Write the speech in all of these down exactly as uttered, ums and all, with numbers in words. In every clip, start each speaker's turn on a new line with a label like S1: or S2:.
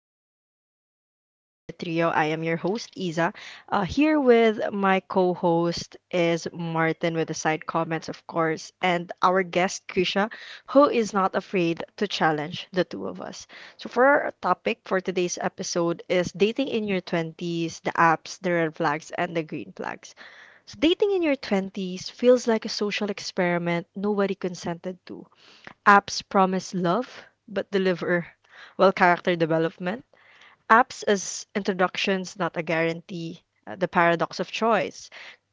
S1: Um, we are back, your favorite trio. I am your host, Isa. Uh, here with my co-host is Martin with the side comments, of course, and our guest, Krisha, who is not afraid to challenge the two of us. So for our topic for today's episode is dating in your twenties, the apps, the red flags, and the green flags. So dating in your twenties feels like a social experiment nobody consented to. Apps promise love but deliver, well, character development. Apps as introductions, not a guarantee. Uh, the paradox of choice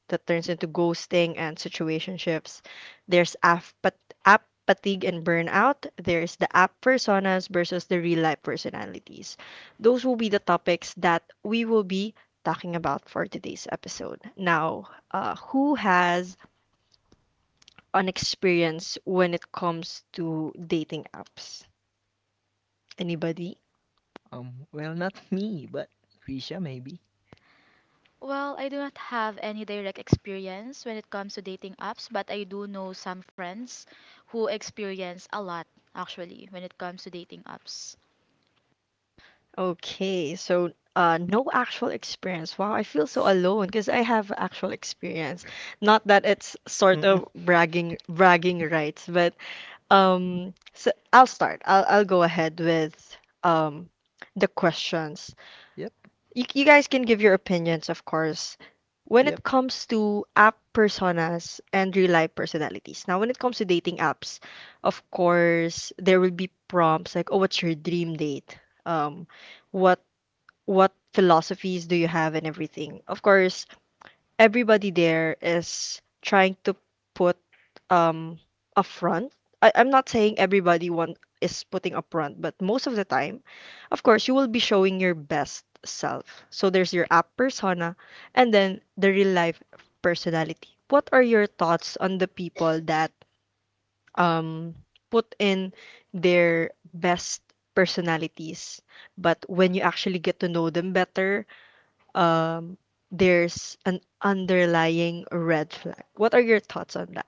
S1: that turns into ghosting and situationships. There's app, but App fatigue and burnout. There's the app personas versus the real life personalities. Those will be the topics that we will be talking about for today's episode. Now, uh, who has an experience when it comes to dating apps? Anybody?
S2: Um, well, not me, but Risha maybe.
S3: Well, I do not have any direct experience when it comes to dating apps, but I do know some friends who experience a lot actually when it comes to dating apps.
S1: Okay, so uh, no actual experience. Wow, I feel so alone because I have actual experience. Not that it's sort
S2: Mm-mm.
S1: of bragging bragging rights, but um, so I'll start. I'll I'll go ahead with um the questions.
S2: Yep.
S1: you, you guys can give your opinions, of course. When
S2: Yep.
S1: it comes to app personas and real life personalities. Now, when it comes to dating apps, of course, there will be prompts like, "Oh, what's your dream date?" Um, what what philosophies do you have and everything. Of course, everybody there is trying to put um upfront. I, I'm not saying everybody want is putting upfront, but most of the time, of course, you will be showing your best self. So there's your app persona and then the real life personality. What are your thoughts on the people that um put in their best personalities, but when you actually get to know them better, um there's an underlying red flag. What are your thoughts on that?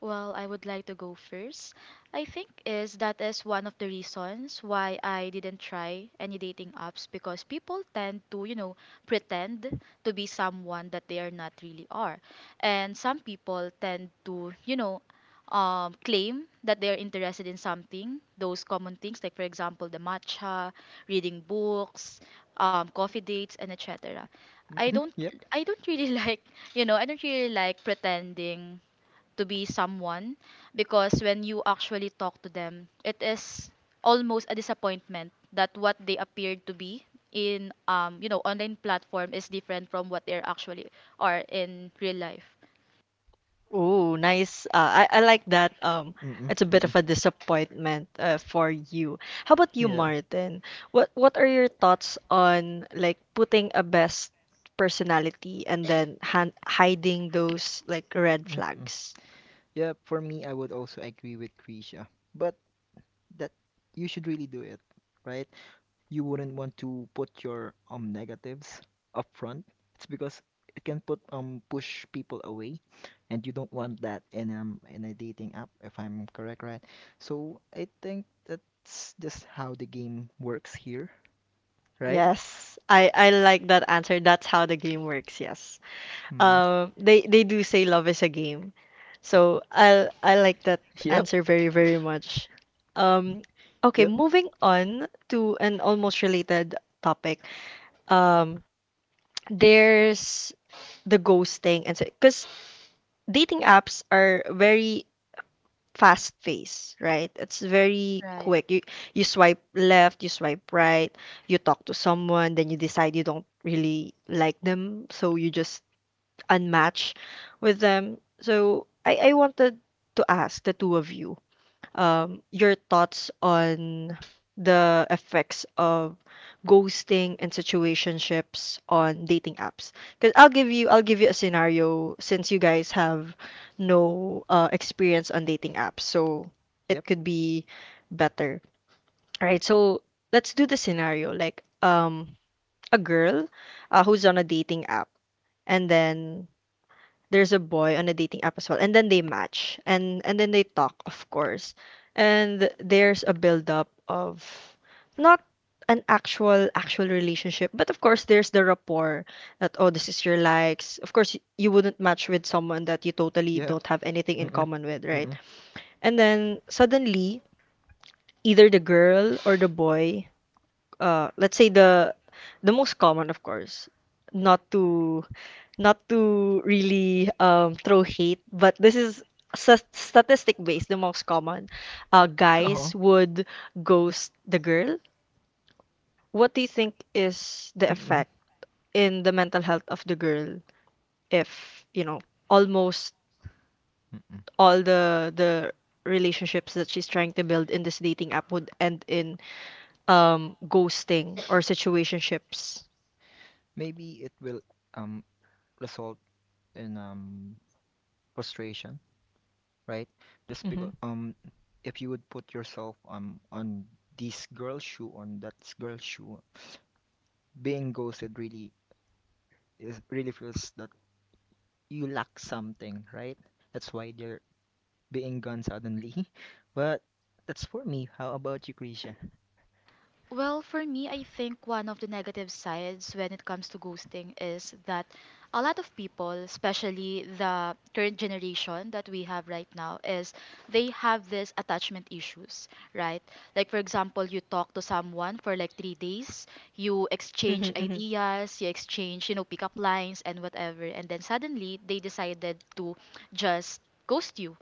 S3: Well, I would like to go first. I think is that is one of the reasons why I didn't try any dating apps because people tend to, you know, pretend to be someone that they are not really are. And some people tend to, you know, um, claim that they are interested in something, those common things like for example the matcha, reading books, um, coffee dates and et cetera. I
S2: Mm-mm.
S3: don't
S2: Yep.
S3: I don't really like, you know, I don't really like pretending to be someone because when you actually talk to them, it is almost a disappointment that what they appeared to be in um you know online platform is different from what they actually are in real life.
S1: Ooh, nice. Uh, I, I like that. Um,
S2: Mm-mm.
S1: it's a bit
S2: Mm-mm.
S1: of a disappointment uh, for you. How about you,
S2: Yeah.
S1: Martin? What what are your thoughts on like putting a best personality and then han hiding those like red
S2: Mm-mm.
S1: flags?
S2: Yeah. For me, I would also agree with Risha, but that you should really do it, right? You wouldn't want to put your um negatives up front. It's because it can put um push people away, and you don't want that in um in a dating app, if I'm correct, right? So I think that's just how the game works here, right?
S1: Yes, I I like that answer. That's how the game works. Yes.
S2: Mm.
S1: Um, they they do say love is a game. So I I like that
S2: Yep.
S1: answer very, very much. Um, okay,
S2: Yep.
S1: moving on to an almost related topic. Um, there's the ghosting and because dating apps are very fast paced, right? It's very quick. You you swipe left, you swipe right, you talk to someone, then you decide you don't really like them, so you just unmatched with them. So I, I wanted to ask the two of you um, your thoughts on the effects of ghosting and situationships on dating apps. Because I'll give you I'll give you a scenario since you guys have no uh, experience on dating apps, so it
S2: Yep.
S1: could be better. All right, so let's do the scenario like um a girl uh, who's on a dating app and then there's a boy on a dating app as well and then they match and and then they talk of course and there's a build up of not an actual actual relationship but of course there's the rapport that oh this is your likes of course y- you wouldn't match with someone that you totally
S2: Yep.
S1: don't have anything in
S2: Mm-mm.
S1: common with, right?
S2: Mm-mm.
S1: And then suddenly either the girl or the boy uh let's say the the most common of course not to not to really um, throw hate, but this is s- statistic based, the most common. Uh,
S2: Oh.
S1: guys would ghost the girl. What do you think is the
S2: Mm-mm.
S1: effect in the mental health of the girl if, you know, almost
S2: Mm-mm.
S1: all the the relationships that she's trying to build in this dating app would end in um ghosting or situationships?
S2: Maybe it will um result in um frustration. Right? Just
S1: Mm-hmm.
S2: because um, if you would put yourself um on this girl's shoe, on that girl's shoe, being ghosted really is really feels that you lack something, right? That's why they're being gone suddenly. But that's for me. How about you, Krisha?
S3: Well, for me, I think one of the negative sides when it comes to ghosting is that a lot of people, especially the current generation that we have right now, is they have this attachment issues, right? Like for example, you talk to someone for like three days, you
S1: Mm-hmm,
S3: exchange
S1: mm-hmm.
S3: ideas, you exchange, you know, pickup lines and whatever, and then suddenly they decided to just ghost you.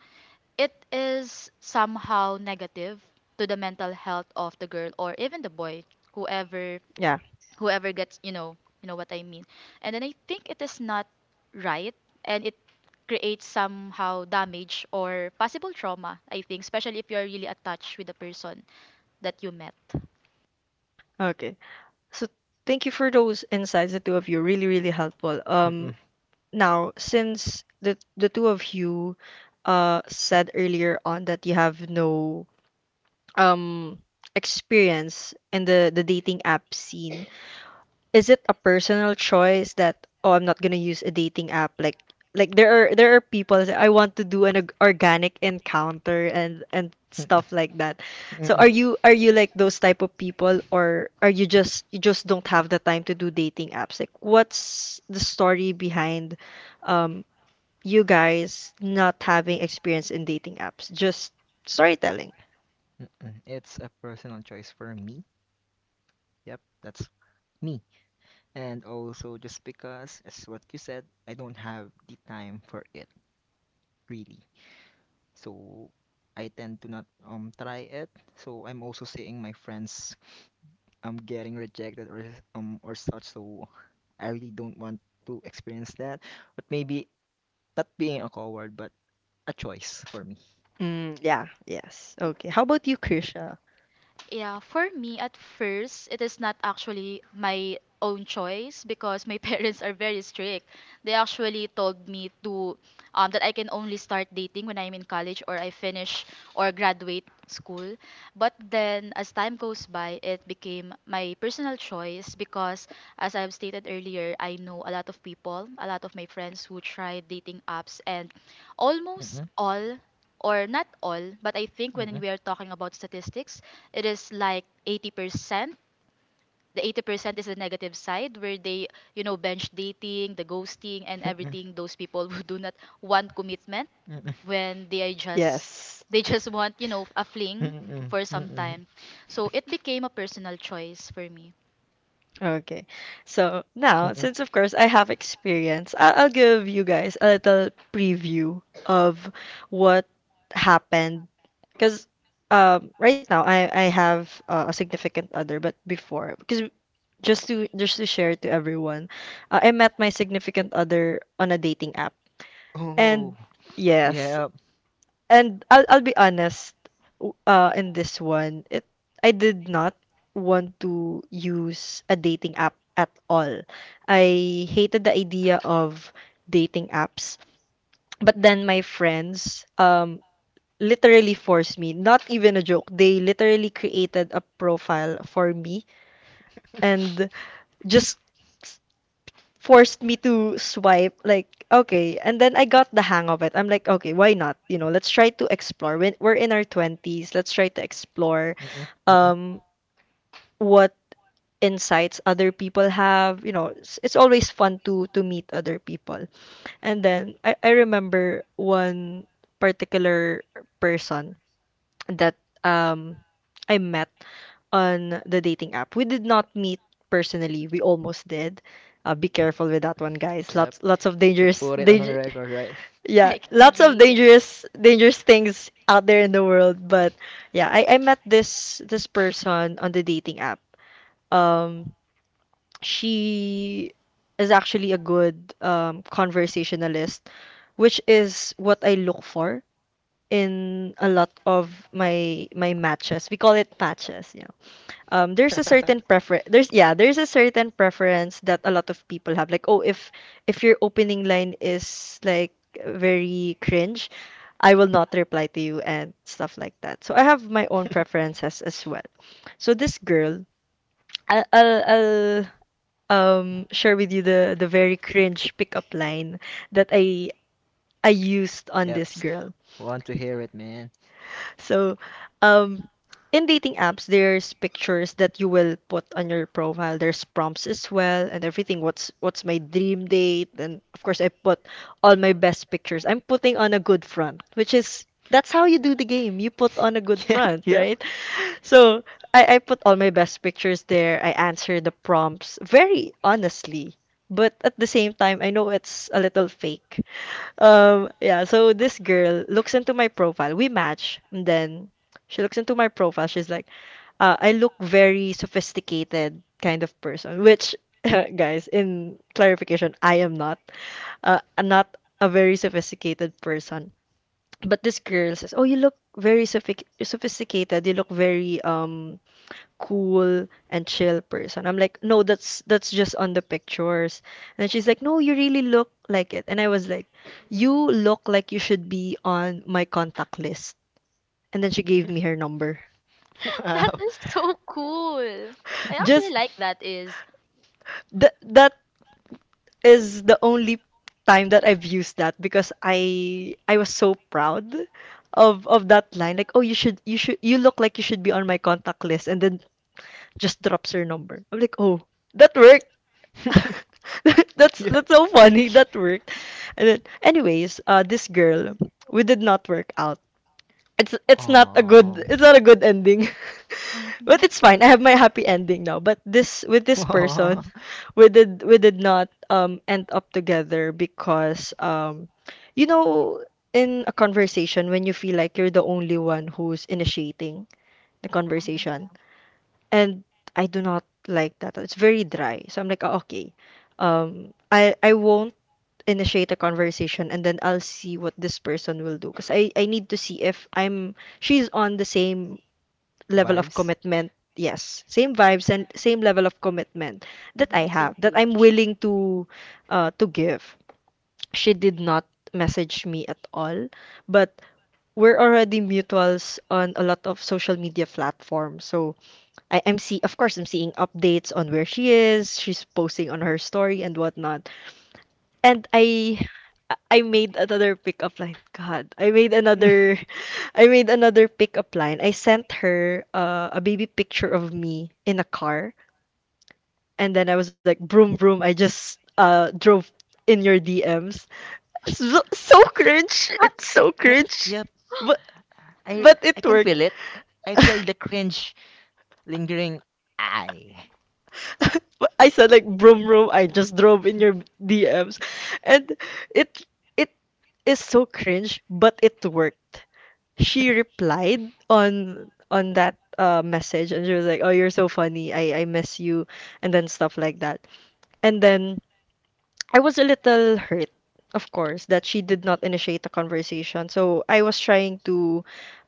S3: It is somehow negative to the mental health of the girl or even the boy, whoever
S1: Yeah.
S3: whoever gets, you know, you know what I mean. And then I think it is not right, and it creates somehow damage or possible trauma, I think, especially if you're really attached with the person that you met.
S1: Okay. So thank you for those insights, the two of you. Really, really helpful.
S2: Mm-mm.
S1: Um, now, since the the two of you uh said earlier on that you have no um experience in the the dating app scene, is it a personal choice that oh I'm not gonna use a dating app like like there are there are people that say, I want to do an org- organic encounter and and stuff like that.
S2: Mm-mm.
S1: So
S2: Mm-mm.
S1: are you are you like those type of people or are you just you just don't have the time to do dating apps? Like what's the story behind um you guys not having experience in dating apps? Just storytelling.
S2: Mm-mm. It's a personal choice for me. Yep, that's me. And also, just because, as what you said, I don't have the time for it, really. So, I tend to not um try it. So, I'm also seeing my friends um getting rejected or um or such. So, I really don't want to experience that. But maybe not being a coward, but a choice for me.
S1: Mm, yeah, yes. Okay. How about you, Krisha?
S3: Yeah, for me at first, it is not actually my own choice because my parents are very strict. They actually told me to um, that I can only start dating when I'm in college or I finish or graduate school. But then as time goes by, it became my personal choice because as I've stated earlier, I know a lot of people, a lot of my friends who tried dating apps and almost
S2: Mm-mm.
S3: all or not all, but I think when
S2: Mm-mm.
S3: we are talking about statistics, it is like eighty percent. The eighty percent is the negative side where they, you know, bench dating, the ghosting and
S2: Mm-mm.
S3: everything, those people who do not want commitment
S2: Mm-mm.
S3: when they are just
S1: Yes.
S3: they just want, you know, a fling
S2: Mm-mm,
S3: for some
S2: mm-mm,
S3: time. So it became a personal choice for me.
S1: Okay. So now,
S2: mm-mm.
S1: since of course I have experience, I- I'll give you guys a little preview of what happened. Because um, right now I I have uh, a significant other, but before, because just to just to share to everyone, uh, I met my significant other on a dating app,
S2: Oh,
S1: and yes,
S2: yeah.
S1: and I'll I'll be honest, w- uh, in this one, it I did not want to use a dating app at all. I hated the idea of dating apps. But then my friends um literally forced me, not even a joke. They literally created a profile for me and just forced me to swipe like okay and then I got the hang of it. I'm like okay, why not, you know, let's try to explore when we're in our twenties. Let's try to explore
S2: Mm-mm, mm-mm.
S1: um what insights other people have. You know it's, it's always fun to to meet other people and then I, I remember one particular person that um I met on the dating app. We did not meet personally. We almost did. Uh, be careful with that one, guys.
S2: Yep.
S1: Lots lots of
S2: To
S1: dangerous
S2: put it on the
S1: danger
S2: record, right?
S1: yeah,
S3: I can
S1: lots of
S3: agree.
S1: dangerous dangerous things out there in the world. But yeah, I, I met this this person on the dating app. Um she is actually a good um conversationalist, which is what I look for in a lot of my my matches. We call it patches, yeah. Um, there's a certain preference. There's yeah, there's a certain preference that a lot of people have. Like, oh, if if your opening line is like very cringe, I will not reply to you and stuff like that. So I have my own preferences as well. So this girl, I- I'll I'll um share with you the the very cringe pickup line that I I used on
S2: Yep.
S1: this girl.
S2: Want to hear it, man.
S1: So, um, in dating apps, there's pictures that you will put on your profile. There's prompts as well and everything. What's what's my dream date? And of course, I put all my best pictures. I'm putting on a good front, which is that's how you do the game. You put on a good
S2: Yep,
S1: front,
S2: yep.
S1: right? So I, I put all my best pictures there. I answer the prompts very honestly, but at the same time, I know it's a little fake um, yeah, so this girl looks into my profile. We match, and then she looks into my profile. She's like, uh, I look very sophisticated kind of person, which, guys, in clarification, I am not. Uh, I'm not a very sophisticated person. But this girl says, "Oh, you look very sophi sophisticated. You look very um cool and chill person. I'm like, no, that's that's just on the pictures. And she's like, no, you really look like it. And I was like, you look like you should be on my contact list. And then she gave me her number.
S3: That
S2: Wow.
S3: is so cool. I actually
S1: Just
S3: like that is
S1: th- that is the only time that I've used that because I I was so proud of of that line. Like, oh, you should you should you look like you should be on my contact list, and then just drops her number. I'm like, oh, that worked. that's
S2: Yeah.
S1: that's so funny. That worked. And then, anyways, uh, this girl, we did not work out. It's it's not a good
S2: Aw.
S1: it's not a good ending. But
S3: mm-hmm,
S1: it's fine. I have my happy ending now. But this with this
S2: Aw.
S1: person, we did we did not um end up together because um you know in a conversation when you feel like you're the only one who's initiating the conversation and I do not like that. It's very dry. So I'm like, "Oh, okay, um, I I won't initiate a conversation, and then I'll see what this person will do, because I I need to see if I'm she's on the same level of
S2: Vibes.
S1: commitment. Yes, same vibes and same level of commitment that
S3: mm-hmm,
S1: I have,
S3: same
S1: that I'm
S3: page.
S1: willing to uh to give. She did not message me at all, but we're already mutuals on a lot of social media platforms. So I, I'm see of course I'm seeing updates on where she is. She's posting on her story and whatnot. And I I made another pickup line. God, I made another I made another pickup line. I sent her uh, a baby picture of me in a car, and then I was like, broom broom, I just uh drove in your D Ms. So, so cringe. It's so
S2: Yep,
S1: cringe.
S2: yep.
S1: But
S2: I
S1: but
S2: I
S1: it
S2: can feel
S1: worked.
S2: it. I feel the cringe lingering. I.
S1: I said, like, broom room. I just drove in your D Ms, and it it is so cringe, but it worked. She replied on on that uh message, and she was like, "Oh, you're so funny. I I miss you," and then stuff like that. And then I was a little hurt, of course, that she did not initiate the conversation. So I was trying to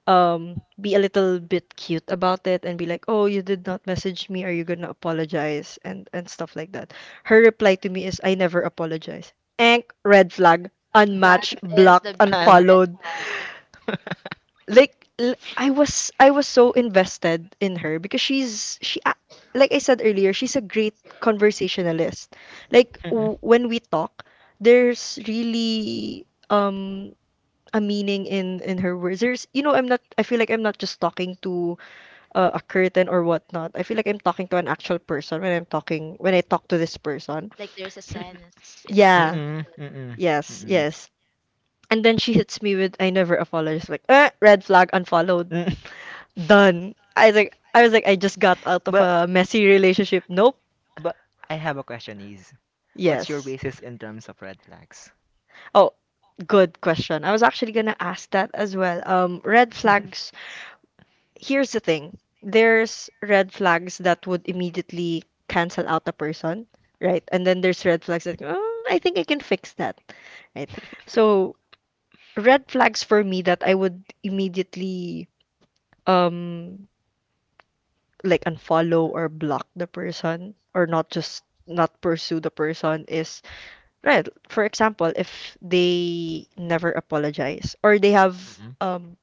S1: um be a little bit cute about it and be like, "Oh, you did not message me. Are you gonna apologize?" and and stuff like that. Her reply to me is, "I never apologize." Ank, red flag,
S3: That
S1: unmatched,
S3: is
S1: blocked,
S3: the biggest
S2: I'm.
S3: red
S1: unfollowed.
S3: flag.
S1: Like, l- I was I was so invested in her because she's she a- like I said earlier, she's a great conversationalist. Like,
S2: Mm-mm.
S1: w- when we talk, there's really um a meaning in in her words. There's, you know I'm not, I feel like I'm not just talking to uh, a curtain or whatnot. I feel like I'm talking to an actual person when I'm talking when I talk to this person.
S3: Like there's a sense in the conversation.
S1: Yeah.
S2: Mm-mm. Mm-mm.
S1: Yes.
S2: Mm-mm.
S1: Yes. And then she hits me with, I never apologize. Like, eh, red flag, unfollowed.
S2: Mm.
S1: Done. I Like, I was like, I just got out of
S2: But
S1: a messy relationship. Nope.
S2: but I have a question is, what's your
S1: Yes.
S2: basis in terms of red flags?
S1: Oh, good question. I was actually gonna ask that as well. Um, red flags. Here's the thing. There's red flags that would immediately cancel out a person, right? And then there's red flags that, oh, I think I can fix that, right? So red flags for me that I would immediately um like unfollow or block the person or not just not pursue the person is. Right. For example, if they never apologize, or they have um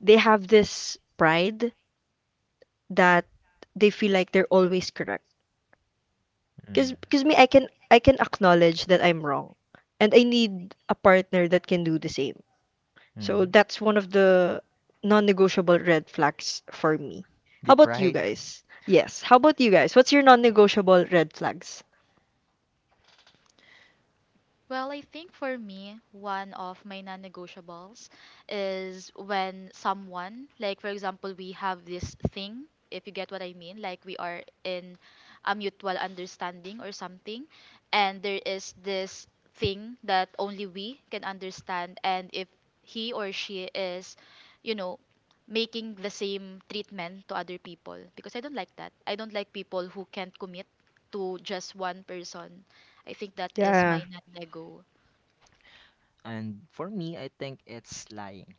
S1: they have this pride that they feel like they're always correct. Cause,
S2: Mm-mm.
S1: 'cause me, I can I can acknowledge that I'm wrong, and I need a partner that can do the same. So
S2: Mm.
S1: that's one of the non-negotiable red flags for me.
S2: The
S1: How about you
S2: pride?
S1: guys? Yes. How about you guys? What's your non-negotiable red flags?
S3: Well, I think for me, one of my non negotiables is when someone, like for example, we have this thing, if you get what I mean, like we are in a mutual understanding or something, and there is this thing that only we can understand, and if he or she is, you know, making the same treatment to other people, because I don't like that. I don't like people who can't commit to just one person. I think that is
S1: Yeah.
S3: my not nego.
S2: And for me, I think it's lying,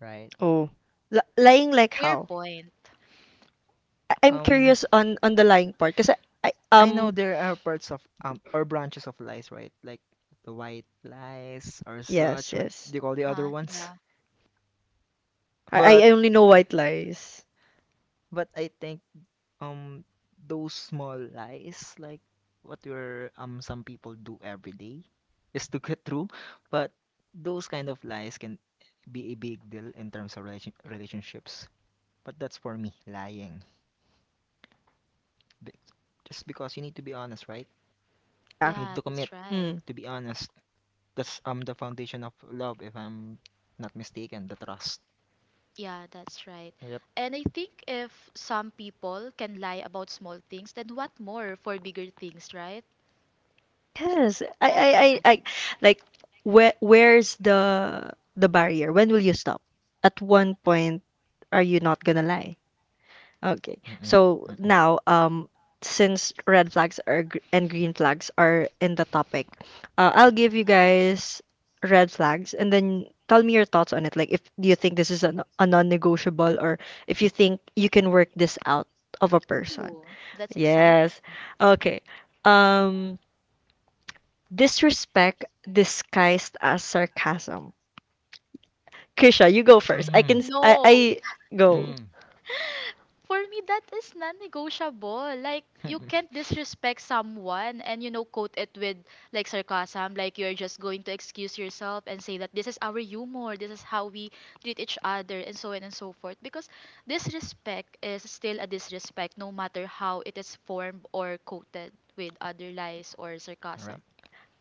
S2: right?
S1: Oh. L lying like
S3: Fair
S1: how?
S3: point.
S1: I- I'm
S2: Um,
S1: curious on on the lying part because I, I
S2: I know
S1: um
S2: there are parts of um or branches of lies, right? Like the white lies or
S1: yes,
S2: such, what
S1: yes,
S2: do you call the other
S3: Huh?
S2: ones?
S3: Yeah.
S1: I
S2: But
S1: I only know white lies.
S2: but I think um those small lies, like what your um some people do every day, is to get through. But those kind of lies can be a big deal in terms of relation relationships. But that's for me, lying. Be- Just because you need to be honest, right?
S1: Yeah.
S2: You need
S3: Yeah,
S2: to commit
S3: that's right.
S1: Mm.
S2: to be honest. That's um the foundation of love, if I'm not mistaken, the trust.
S3: Yeah, that's right.
S2: Yep.
S3: And I think if some people can lie about small things, then what more for bigger things, right?
S1: Yes. I I
S3: Right,
S1: I, I
S3: guys.
S1: like, where where's the the barrier? When will you stop? At one point, are you not gonna lie? Okay.
S2: Mm-mm,
S1: So
S2: mm-mm.
S1: now, um, since red flags are gr- and green flags are in the topic, uh, I'll give you guys red flags and then tell me your thoughts on it. Like, if do you think this is an, a non-negotiable, or if you think you can work this out of a person.
S3: Ooh, that's exciting.
S1: Yes. Okay. Um, disrespect disguised as sarcasm. Krisha, you go first. I
S2: Mm-hmm.
S1: can s- I
S3: No.
S1: I go.
S2: Mm.
S3: For me, that is non-negotiable. Like, you
S2: Mm-mm.
S3: can't disrespect someone and, you know, quote it with, like, sarcasm. Like, you're just going to excuse yourself and say that this is our humor, this is how we treat each other, and so on and so forth. Because disrespect is still a disrespect, no matter how it is formed or quoted with other lies or
S2: All
S3: sarcasm.
S2: right.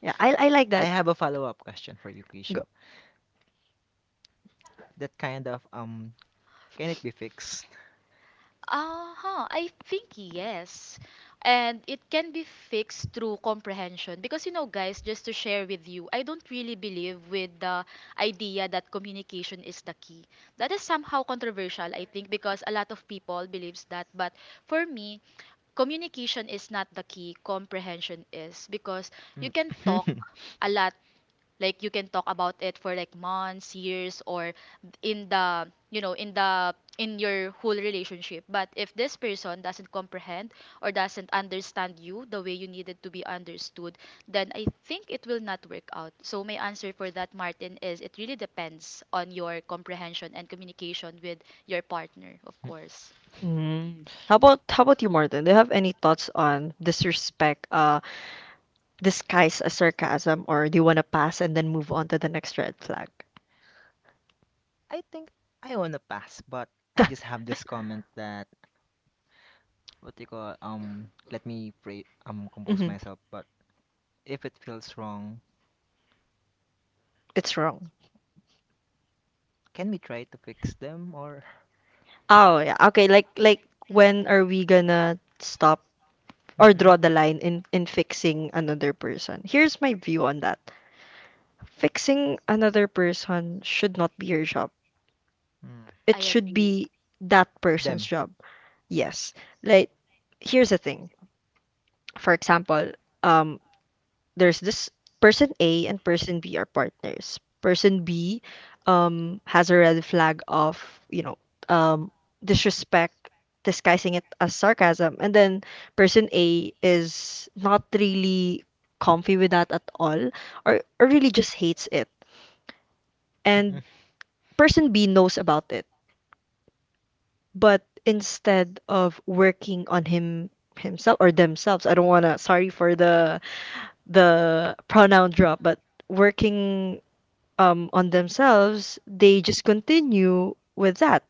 S1: Yeah, I I like
S2: I
S1: that.
S2: have a follow-up question for you, Kisho. That kind of um Can it be fixed?
S3: Uh-huh, I think yes. And it can be fixed through comprehension. Because, you know, guys, just to share with you, I don't really believe with the idea that communication is the key. That is somehow controversial, I think, because a lot of people believes that. But for me, communication is not the key. Comprehension is. Because you can talk
S2: Mm.
S3: a lot, like you can talk about it for like months, years, or in the, you know, in the in your whole relationship, but if this person doesn't comprehend or doesn't understand you the way you needed to be understood, then I think it will not work out. So my answer for that, Martin, is it really depends on your comprehension and communication with your partner, of course.
S1: Mm. How about how about you, Martin? Do you have any thoughts on disrespect, uh, disguised as sarcasm, or do you want to pass and then move on to the next red flag?
S2: I think I wanna pass, but I just have this comment that what do you call um let me pray um compose
S1: Hmm.
S2: myself, but if it feels wrong,
S1: It's wrong.
S2: can we try to fix them, or
S1: Oh yeah. Okay. Like like
S3: Hmm.
S1: when are we gonna stop or
S2: Mm-mm.
S1: draw the line in in fixing another person? Here's my view on that. Fixing another person should not be your job.
S2: Mm.
S1: It
S3: I
S1: should
S3: agree.
S1: be that person's
S2: Them?
S1: job.
S2: Right.
S1: Yes. Like, here's the thing. For example, um, there's this person A, and person B are partners. Person B um has a red flag of, you know, um disrespect, disguising it as sarcasm. And then person A is not really comfy with that at all, or, or really just hates it. And
S2: Mm-mm.
S1: person B knows about it, but instead of working on him himself or themselves, I don't wanna, sorry for the the pronoun drop, but working, um, on themselves, they just continue with that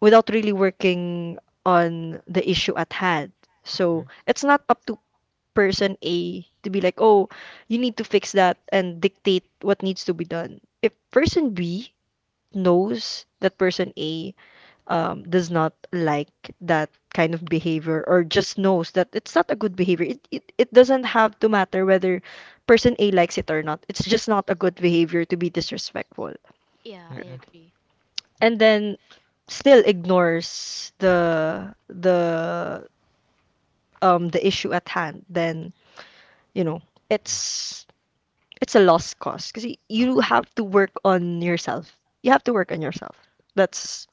S1: without really working on the issue at hand. So it's not up to person A to be like, oh, you need to fix that, and dictate what needs to be done. If person B knows that person A, um, does not like that kind of behavior, or just knows that it's not a good behavior, it, it, it doesn't have to matter whether person A likes it or not. It's just not a good behavior to be disrespectful,
S3: Yeah,
S2: Mm-mm.
S3: I
S2: Mm-mm.
S3: agree.
S1: and then still ignores the the um the issue at hand, then, you know
S2: Mm-mm.
S1: it's it's a lost cause, because you
S2: Okay.
S1: have to work on yourself. You have to work on yourself. That's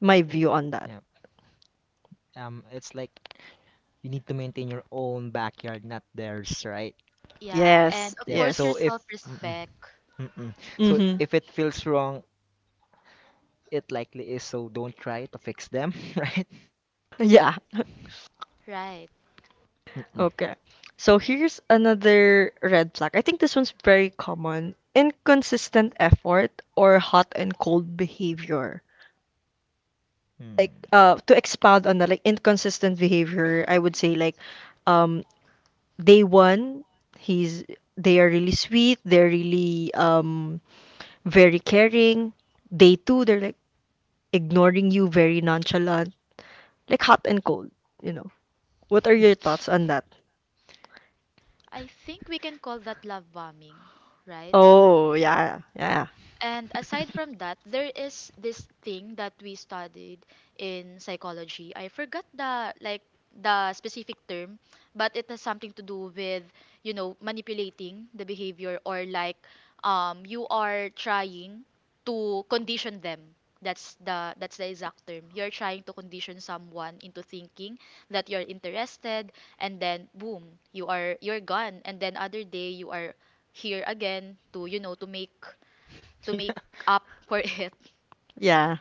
S1: my view on that.
S2: Yeah. Um, it's like you need to maintain your own backyard, not theirs, right?
S3: Yeah, and of
S2: Yep.
S3: course your
S2: So if. Mm-mm,
S3: self-respect,
S2: mm-mm. So
S1: Mm-hmm.
S2: if it feels wrong, it likely is. So don't try to fix them, right?
S1: Yeah.
S3: right?
S2: Mm-mm.
S1: Okay. So here's another red flag. I think this one's very common. Inconsistent effort, or hot and cold behavior.
S2: Hmm.
S1: Like, uh to expound on that, like, inconsistent behavior, I would say, like, um day one, he's they are really sweet, they're really um very caring. Day two they're like ignoring you, very nonchalant, like hot and cold, you know what are your thoughts on that?
S3: I think we can call that love bombing, right?
S1: Oh yeah, yeah,
S3: And aside from that, there is this thing that we studied in psychology. I forgot the like the specific term, but it has something to do with, you know, manipulating the behavior or like um you are trying to condition them. That's the that's the exact term. You're trying to condition someone into thinking that you're interested and then boom, you are you're gone, and then other day you are here again to, you know, to make to
S2: Yeah.
S3: make up for it.
S1: yeah.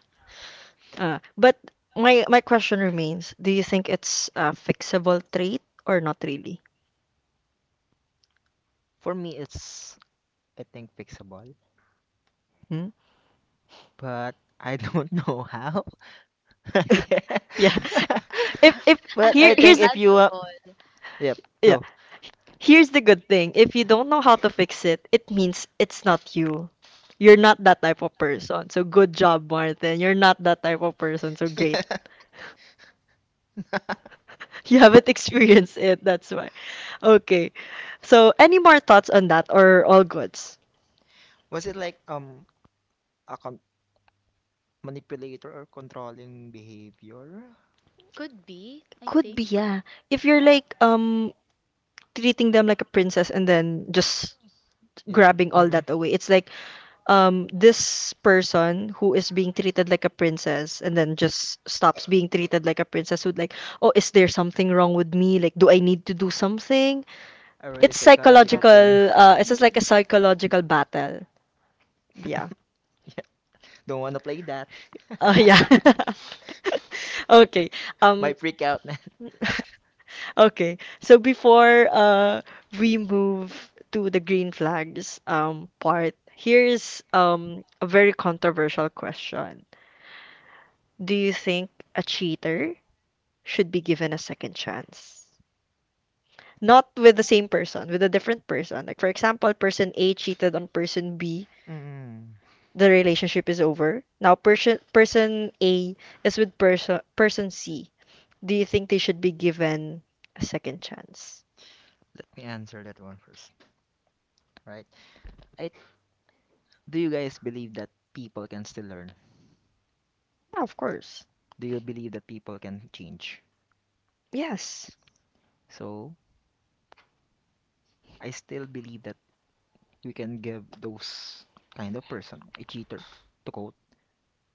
S1: uh, but my my question remains, do you think it's a fixable trait, or not really?
S2: For me, it's, I think, fixable,
S1: Hmm?
S2: but I don't know how. Yeah.
S1: Yeah. if if
S2: But
S1: here
S2: I think
S1: here's
S2: if you uh,
S3: Understandable.
S2: Yep,
S1: yeah.
S2: go.
S1: Here's the good thing: if you don't know how to fix it, it means it's not you. You're not that type of person. So good job, Martin. You're not that type of person. So great.
S2: Yeah.
S1: You haven't experienced it. That's why. Okay. So any more thoughts on that, or all goods?
S2: Was it like um a con- manipulator or controlling behavior?
S3: Could be, I
S1: Could
S3: think.
S1: be, yeah. If you're
S3: Yeah.
S1: like um treating them like a princess and then just
S2: Yep.
S1: grabbing all
S2: Mm-mm.
S1: that away, it's like um this person who is being treated like a princess and then just stops being treated like a princess would like, oh, is there something wrong with me? Like, do I need to do something?
S2: A really
S1: It's
S2: psychological
S3: Yeah.
S2: thing.
S1: psychological. Uh it's
S3: Mm.
S1: just like a psychological battle. Yeah.
S2: Yep. Don't wanna play that.
S1: Uh, yeah. Okay. um
S2: Might freak out, man.
S1: okay, so before uh we move to the green flags um part, here's um a very controversial question. Do you think a cheater should be given a second chance? Not with the same person, with a different person. Like, for example, person A cheated on person B,
S2: Mm.
S1: the relationship is over. Now person person A is with person person C. Do you think they should be given a second chance?
S2: Let me answer that one first. Right. I Do you guys believe that people can still learn?
S1: Yeah, of course.
S2: Do you believe that people can change?
S1: Yes.
S2: So I still believe that we can give those kind of person, a cheater, to quote,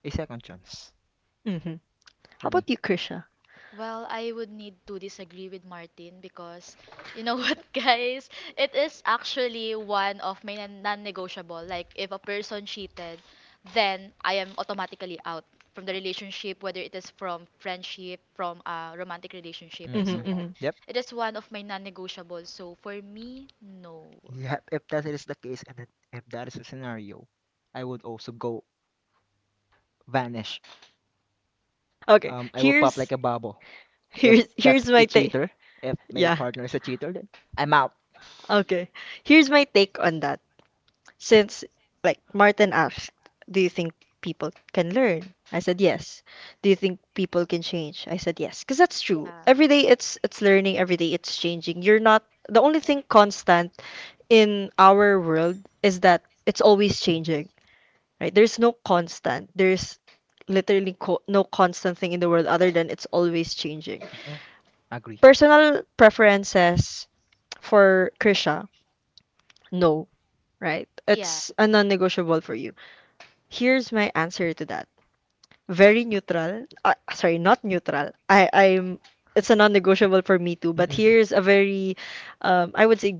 S2: a second chance
S1: Mm-hmm. How
S2: for me.
S1: about you, Krisha?
S3: Well, I would need to disagree with Martin because, you know, what, guys? It is actually one of my non- non-negotiable. Like if a person cheated, then I am automatically out from the relationship, whether it is from friendship, from a romantic relationship, and so
S2: Mm-mm.
S1: Mm-hmm,
S3: on.
S1: mm-hmm.
S2: Yep.
S3: It is one of my non-negotiables. So for me, no.
S2: Yeah, if that is the case, and that- if that is the scenario, I would also go vanish.
S1: Okay.
S2: Um, I will pop like
S1: Here's
S2: a bubble. If
S1: here's
S2: that's
S1: here's
S2: a
S1: my take.
S2: cheater, if my
S1: Yeah.
S2: partner is a cheater, then I'm out.
S1: Okay. Here's my take on that. Since, like, Martin asked, do you think people can learn? I said yes. Do you think people can change? I said yes. Because that's true.
S3: Yeah.
S1: Every day it's it's learning, every day it's changing. You're not the only thing constant in our world is that it's always changing. Right? There's no constant. There's literally co- no constant thing in the world other than it's always changing.
S2: Mm-mm. Agree.
S1: Personal preferences for Krisha, no, right?
S3: Yeah.
S1: It's a non-negotiable for you. Here's my answer to that. Very neutral. Uh, sorry, not neutral. I, I'm. It's a non-negotiable for me too. But
S2: Mm-mm.
S1: here's a very, um, I would say,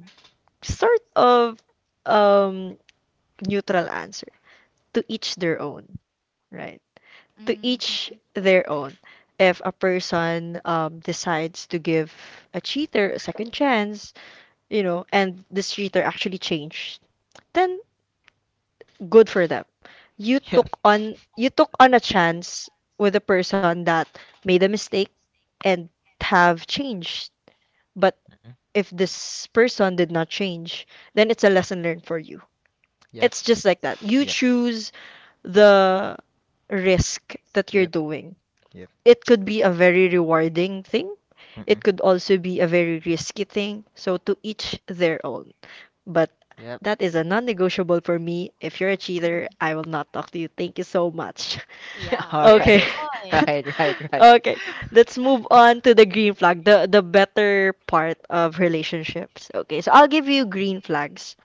S1: sort of um, neutral answer. To each their own, right? To
S3: Hmm.
S1: each their own. If a person, um, decides to give a cheater a second chance, you know, and this cheater actually changed, then good for them. You
S2: Yep.
S1: took on you took on a chance with a person that made a mistake and have changed. But
S2: Mm-mm.
S1: if this person did not change, then it's a lesson learned for you.
S2: Yep.
S1: It's just like that. You
S2: Yep.
S1: choose the risk that you're
S2: Yep.
S1: doing.
S2: Yep.
S1: It could be a very rewarding thing. It
S2: Mm-mm.
S1: could also be a very risky thing. So to each their own. But
S2: Yep.
S1: that is a non-negotiable for me. If you're a cheater, I will not talk to you. Thank you so much.
S2: Yeah,
S3: Yeah,
S2: all
S3: fair
S1: Okay.
S2: right,
S3: point.
S2: right, right, right.
S1: Okay. Let's move on to the green flag, the the better part of relationships. Okay. So I'll give you green flags.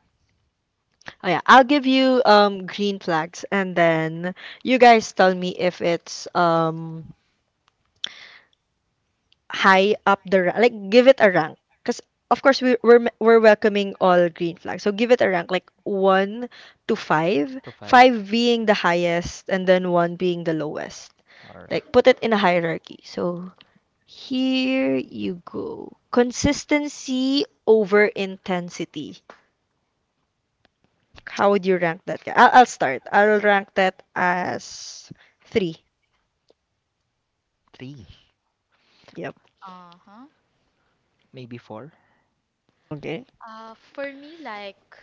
S1: Oh yeah, I'll give you um green flags and then you guys tell me if it's um high up the ra- like give it a rank. Because of course we we're me- we're welcoming all green flags. So give it a rank like one to five,
S2: To five
S1: five being the highest and then one being the lowest.
S2: or
S1: Like put it in a hierarchy. So here you go. Consistency over intensity. How would you rank that? I'll, I'll start. I'll rank that as three.
S2: three,
S1: Yep.
S3: Uh-huh.
S2: maybe four.
S1: Okay.
S3: Uh, for me, like,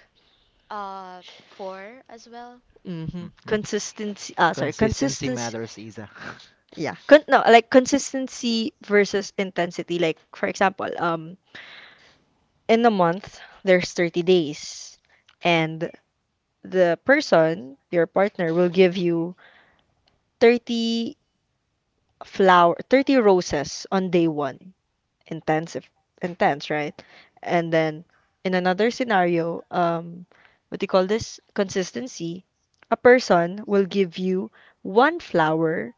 S3: uh, four as well.
S1: Mm-hmm.
S2: Mm-mm.
S1: Consistency. Ah, sorry.
S2: Consistency
S1: Consistency.
S2: matters, Isa.
S1: Yeah. Con- no, like consistency versus intensity. Like, for example, um, in a month there's thirty days, and the person, your partner, will give you thirty flower, thirty roses on day one. Intensive Intense, right? And then in another scenario, um, what do you call this? Consistency. A person will give you one flower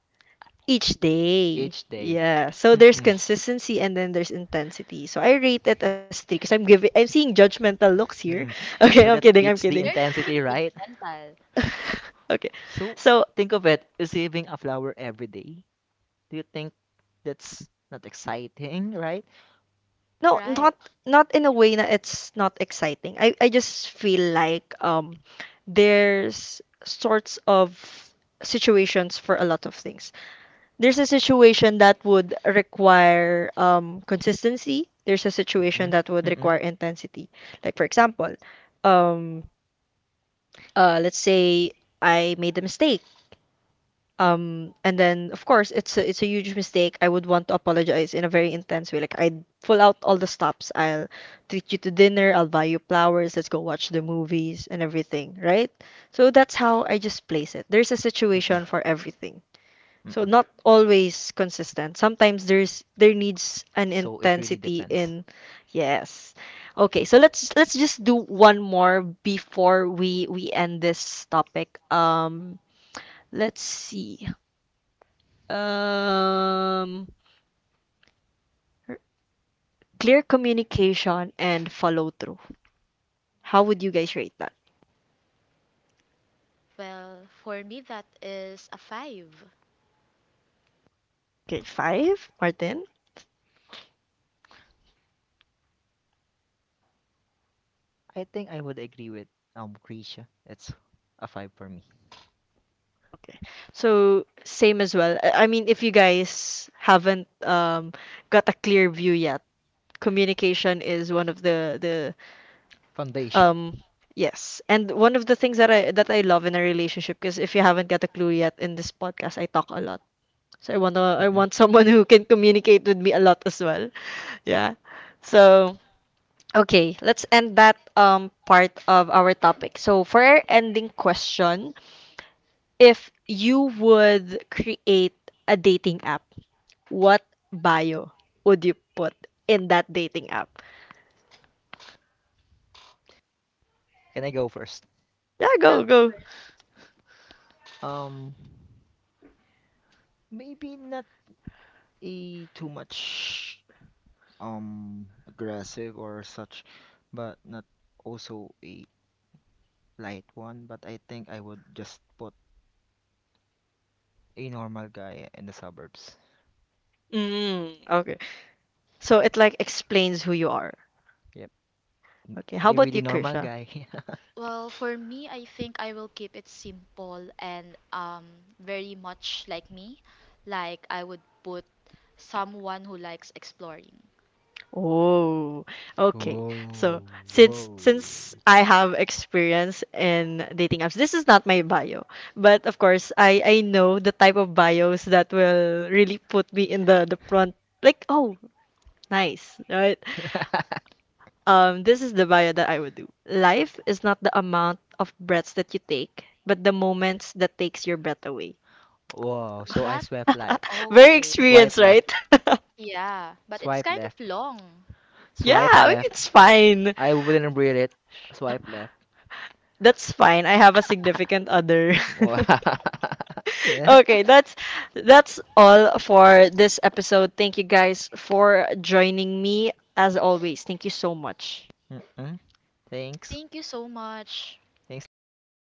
S1: each day.
S2: Each day.
S1: Yeah. So there's
S2: Mm-mm.
S1: consistency and then there's intensity. So I rate it as three because I'm giving I'm seeing judgmental looks
S2: Mm-mm.
S1: here.
S2: So that
S1: Okay, I'm
S2: beats
S1: kidding, I'm
S2: the
S3: We are
S1: kidding.
S3: not
S2: intensity,
S3: being
S2: right?
S3: judgmental,
S1: Okay.
S2: So
S1: So
S2: think of it, receiving a flower every day. Do you think that's not exciting, right?
S1: no,
S3: right?
S1: not not in a way, na, it's not exciting. I I just feel like um there's sorts of situations for a lot of things. There's a situation that would require um consistency. There's a situation
S2: Mm-mm.
S1: that would
S2: Mm-mm.
S1: require intensity. Like, for example, um uh let's say I made a mistake, um, and then of course it's a, it's a, huge mistake. I would want to apologize in a very intense way. Like, I'd pull out all the stops. I'll treat you to dinner. I'll buy you flowers. Let's go watch the movies and everything, right? So that's how I just place it. There's a
S2: Mm-mm.
S1: situation for everything. So not
S2: Mm-mm.
S1: always consistent. Sometimes there's there needs an
S2: So it really
S1: intensity
S2: depends.
S1: in. Yes. Okay, so let's let's just do one more before we we end this topic. Um, let's see. Um, clear communication and follow through. How would you guys rate that?
S3: Well, for me, that is a five.
S1: Okay, five, Martin.
S2: I think I would agree with um Krisha. It's a five for me.
S1: Okay, so same as well. I I mean, if you guys haven't um got a clear view yet, communication is one of the the
S2: Foundation.
S1: um yes, and one of the things that I that I love in a relationship, because if you haven't got a clue yet in this podcast, I talk a lot. So I want to, I
S2: Mm-mm.
S1: want someone who can communicate with me a lot as well. Yeah. So okay, let's end that um part of our topic. So for our ending question, if you would create a dating app, what bio would you put in that dating app?
S2: Can I go first?
S1: Yeah,
S3: Yeah,
S1: go,
S3: of
S1: go.
S3: course.
S2: Um, Maybe not a too much um aggressive or such, but not also a light one. But I think I would just put a normal guy in the suburbs.
S1: Mm, okay. So it like explains who you are.
S2: Yep,
S1: Okay, how
S2: a
S1: about
S2: really
S1: you,
S2: normal
S1: Krisha?
S2: guy.
S3: Well, for me, I think I will keep it simple and um very much like me. Like, I would put someone who likes exploring.
S1: Oh, okay. So
S2: Whoa,
S1: since
S2: whoa.
S1: since I have experience in dating apps, this is not my bio, but of course I I know the type of bios that will really put me in the the front. Like, oh, nice, right? Um, this is the bio that I would do. Life is not the amount of breaths that you take, but the moments that takes your breath away.
S2: Whoa! So I
S3: That
S2: swipe left,
S1: Very
S3: okay.
S2: swipe
S1: experienced,
S2: left,
S1: right?
S3: Yeah, but it's
S2: Swipe
S3: kind of
S2: left.
S3: long.
S1: Yeah,
S2: Swipe
S1: I mean,
S2: left.
S1: it's fine.
S2: I wouldn't read it. Swipe left.
S1: That's fine. I have a significant other.
S2: Wow. Yeah.
S1: Okay, that's that's all for this episode. Thank you guys for joining me, as always. Thank you so much.
S2: Mm-mm. Thanks.
S3: Thank you so much.
S2: Thanks, listeners.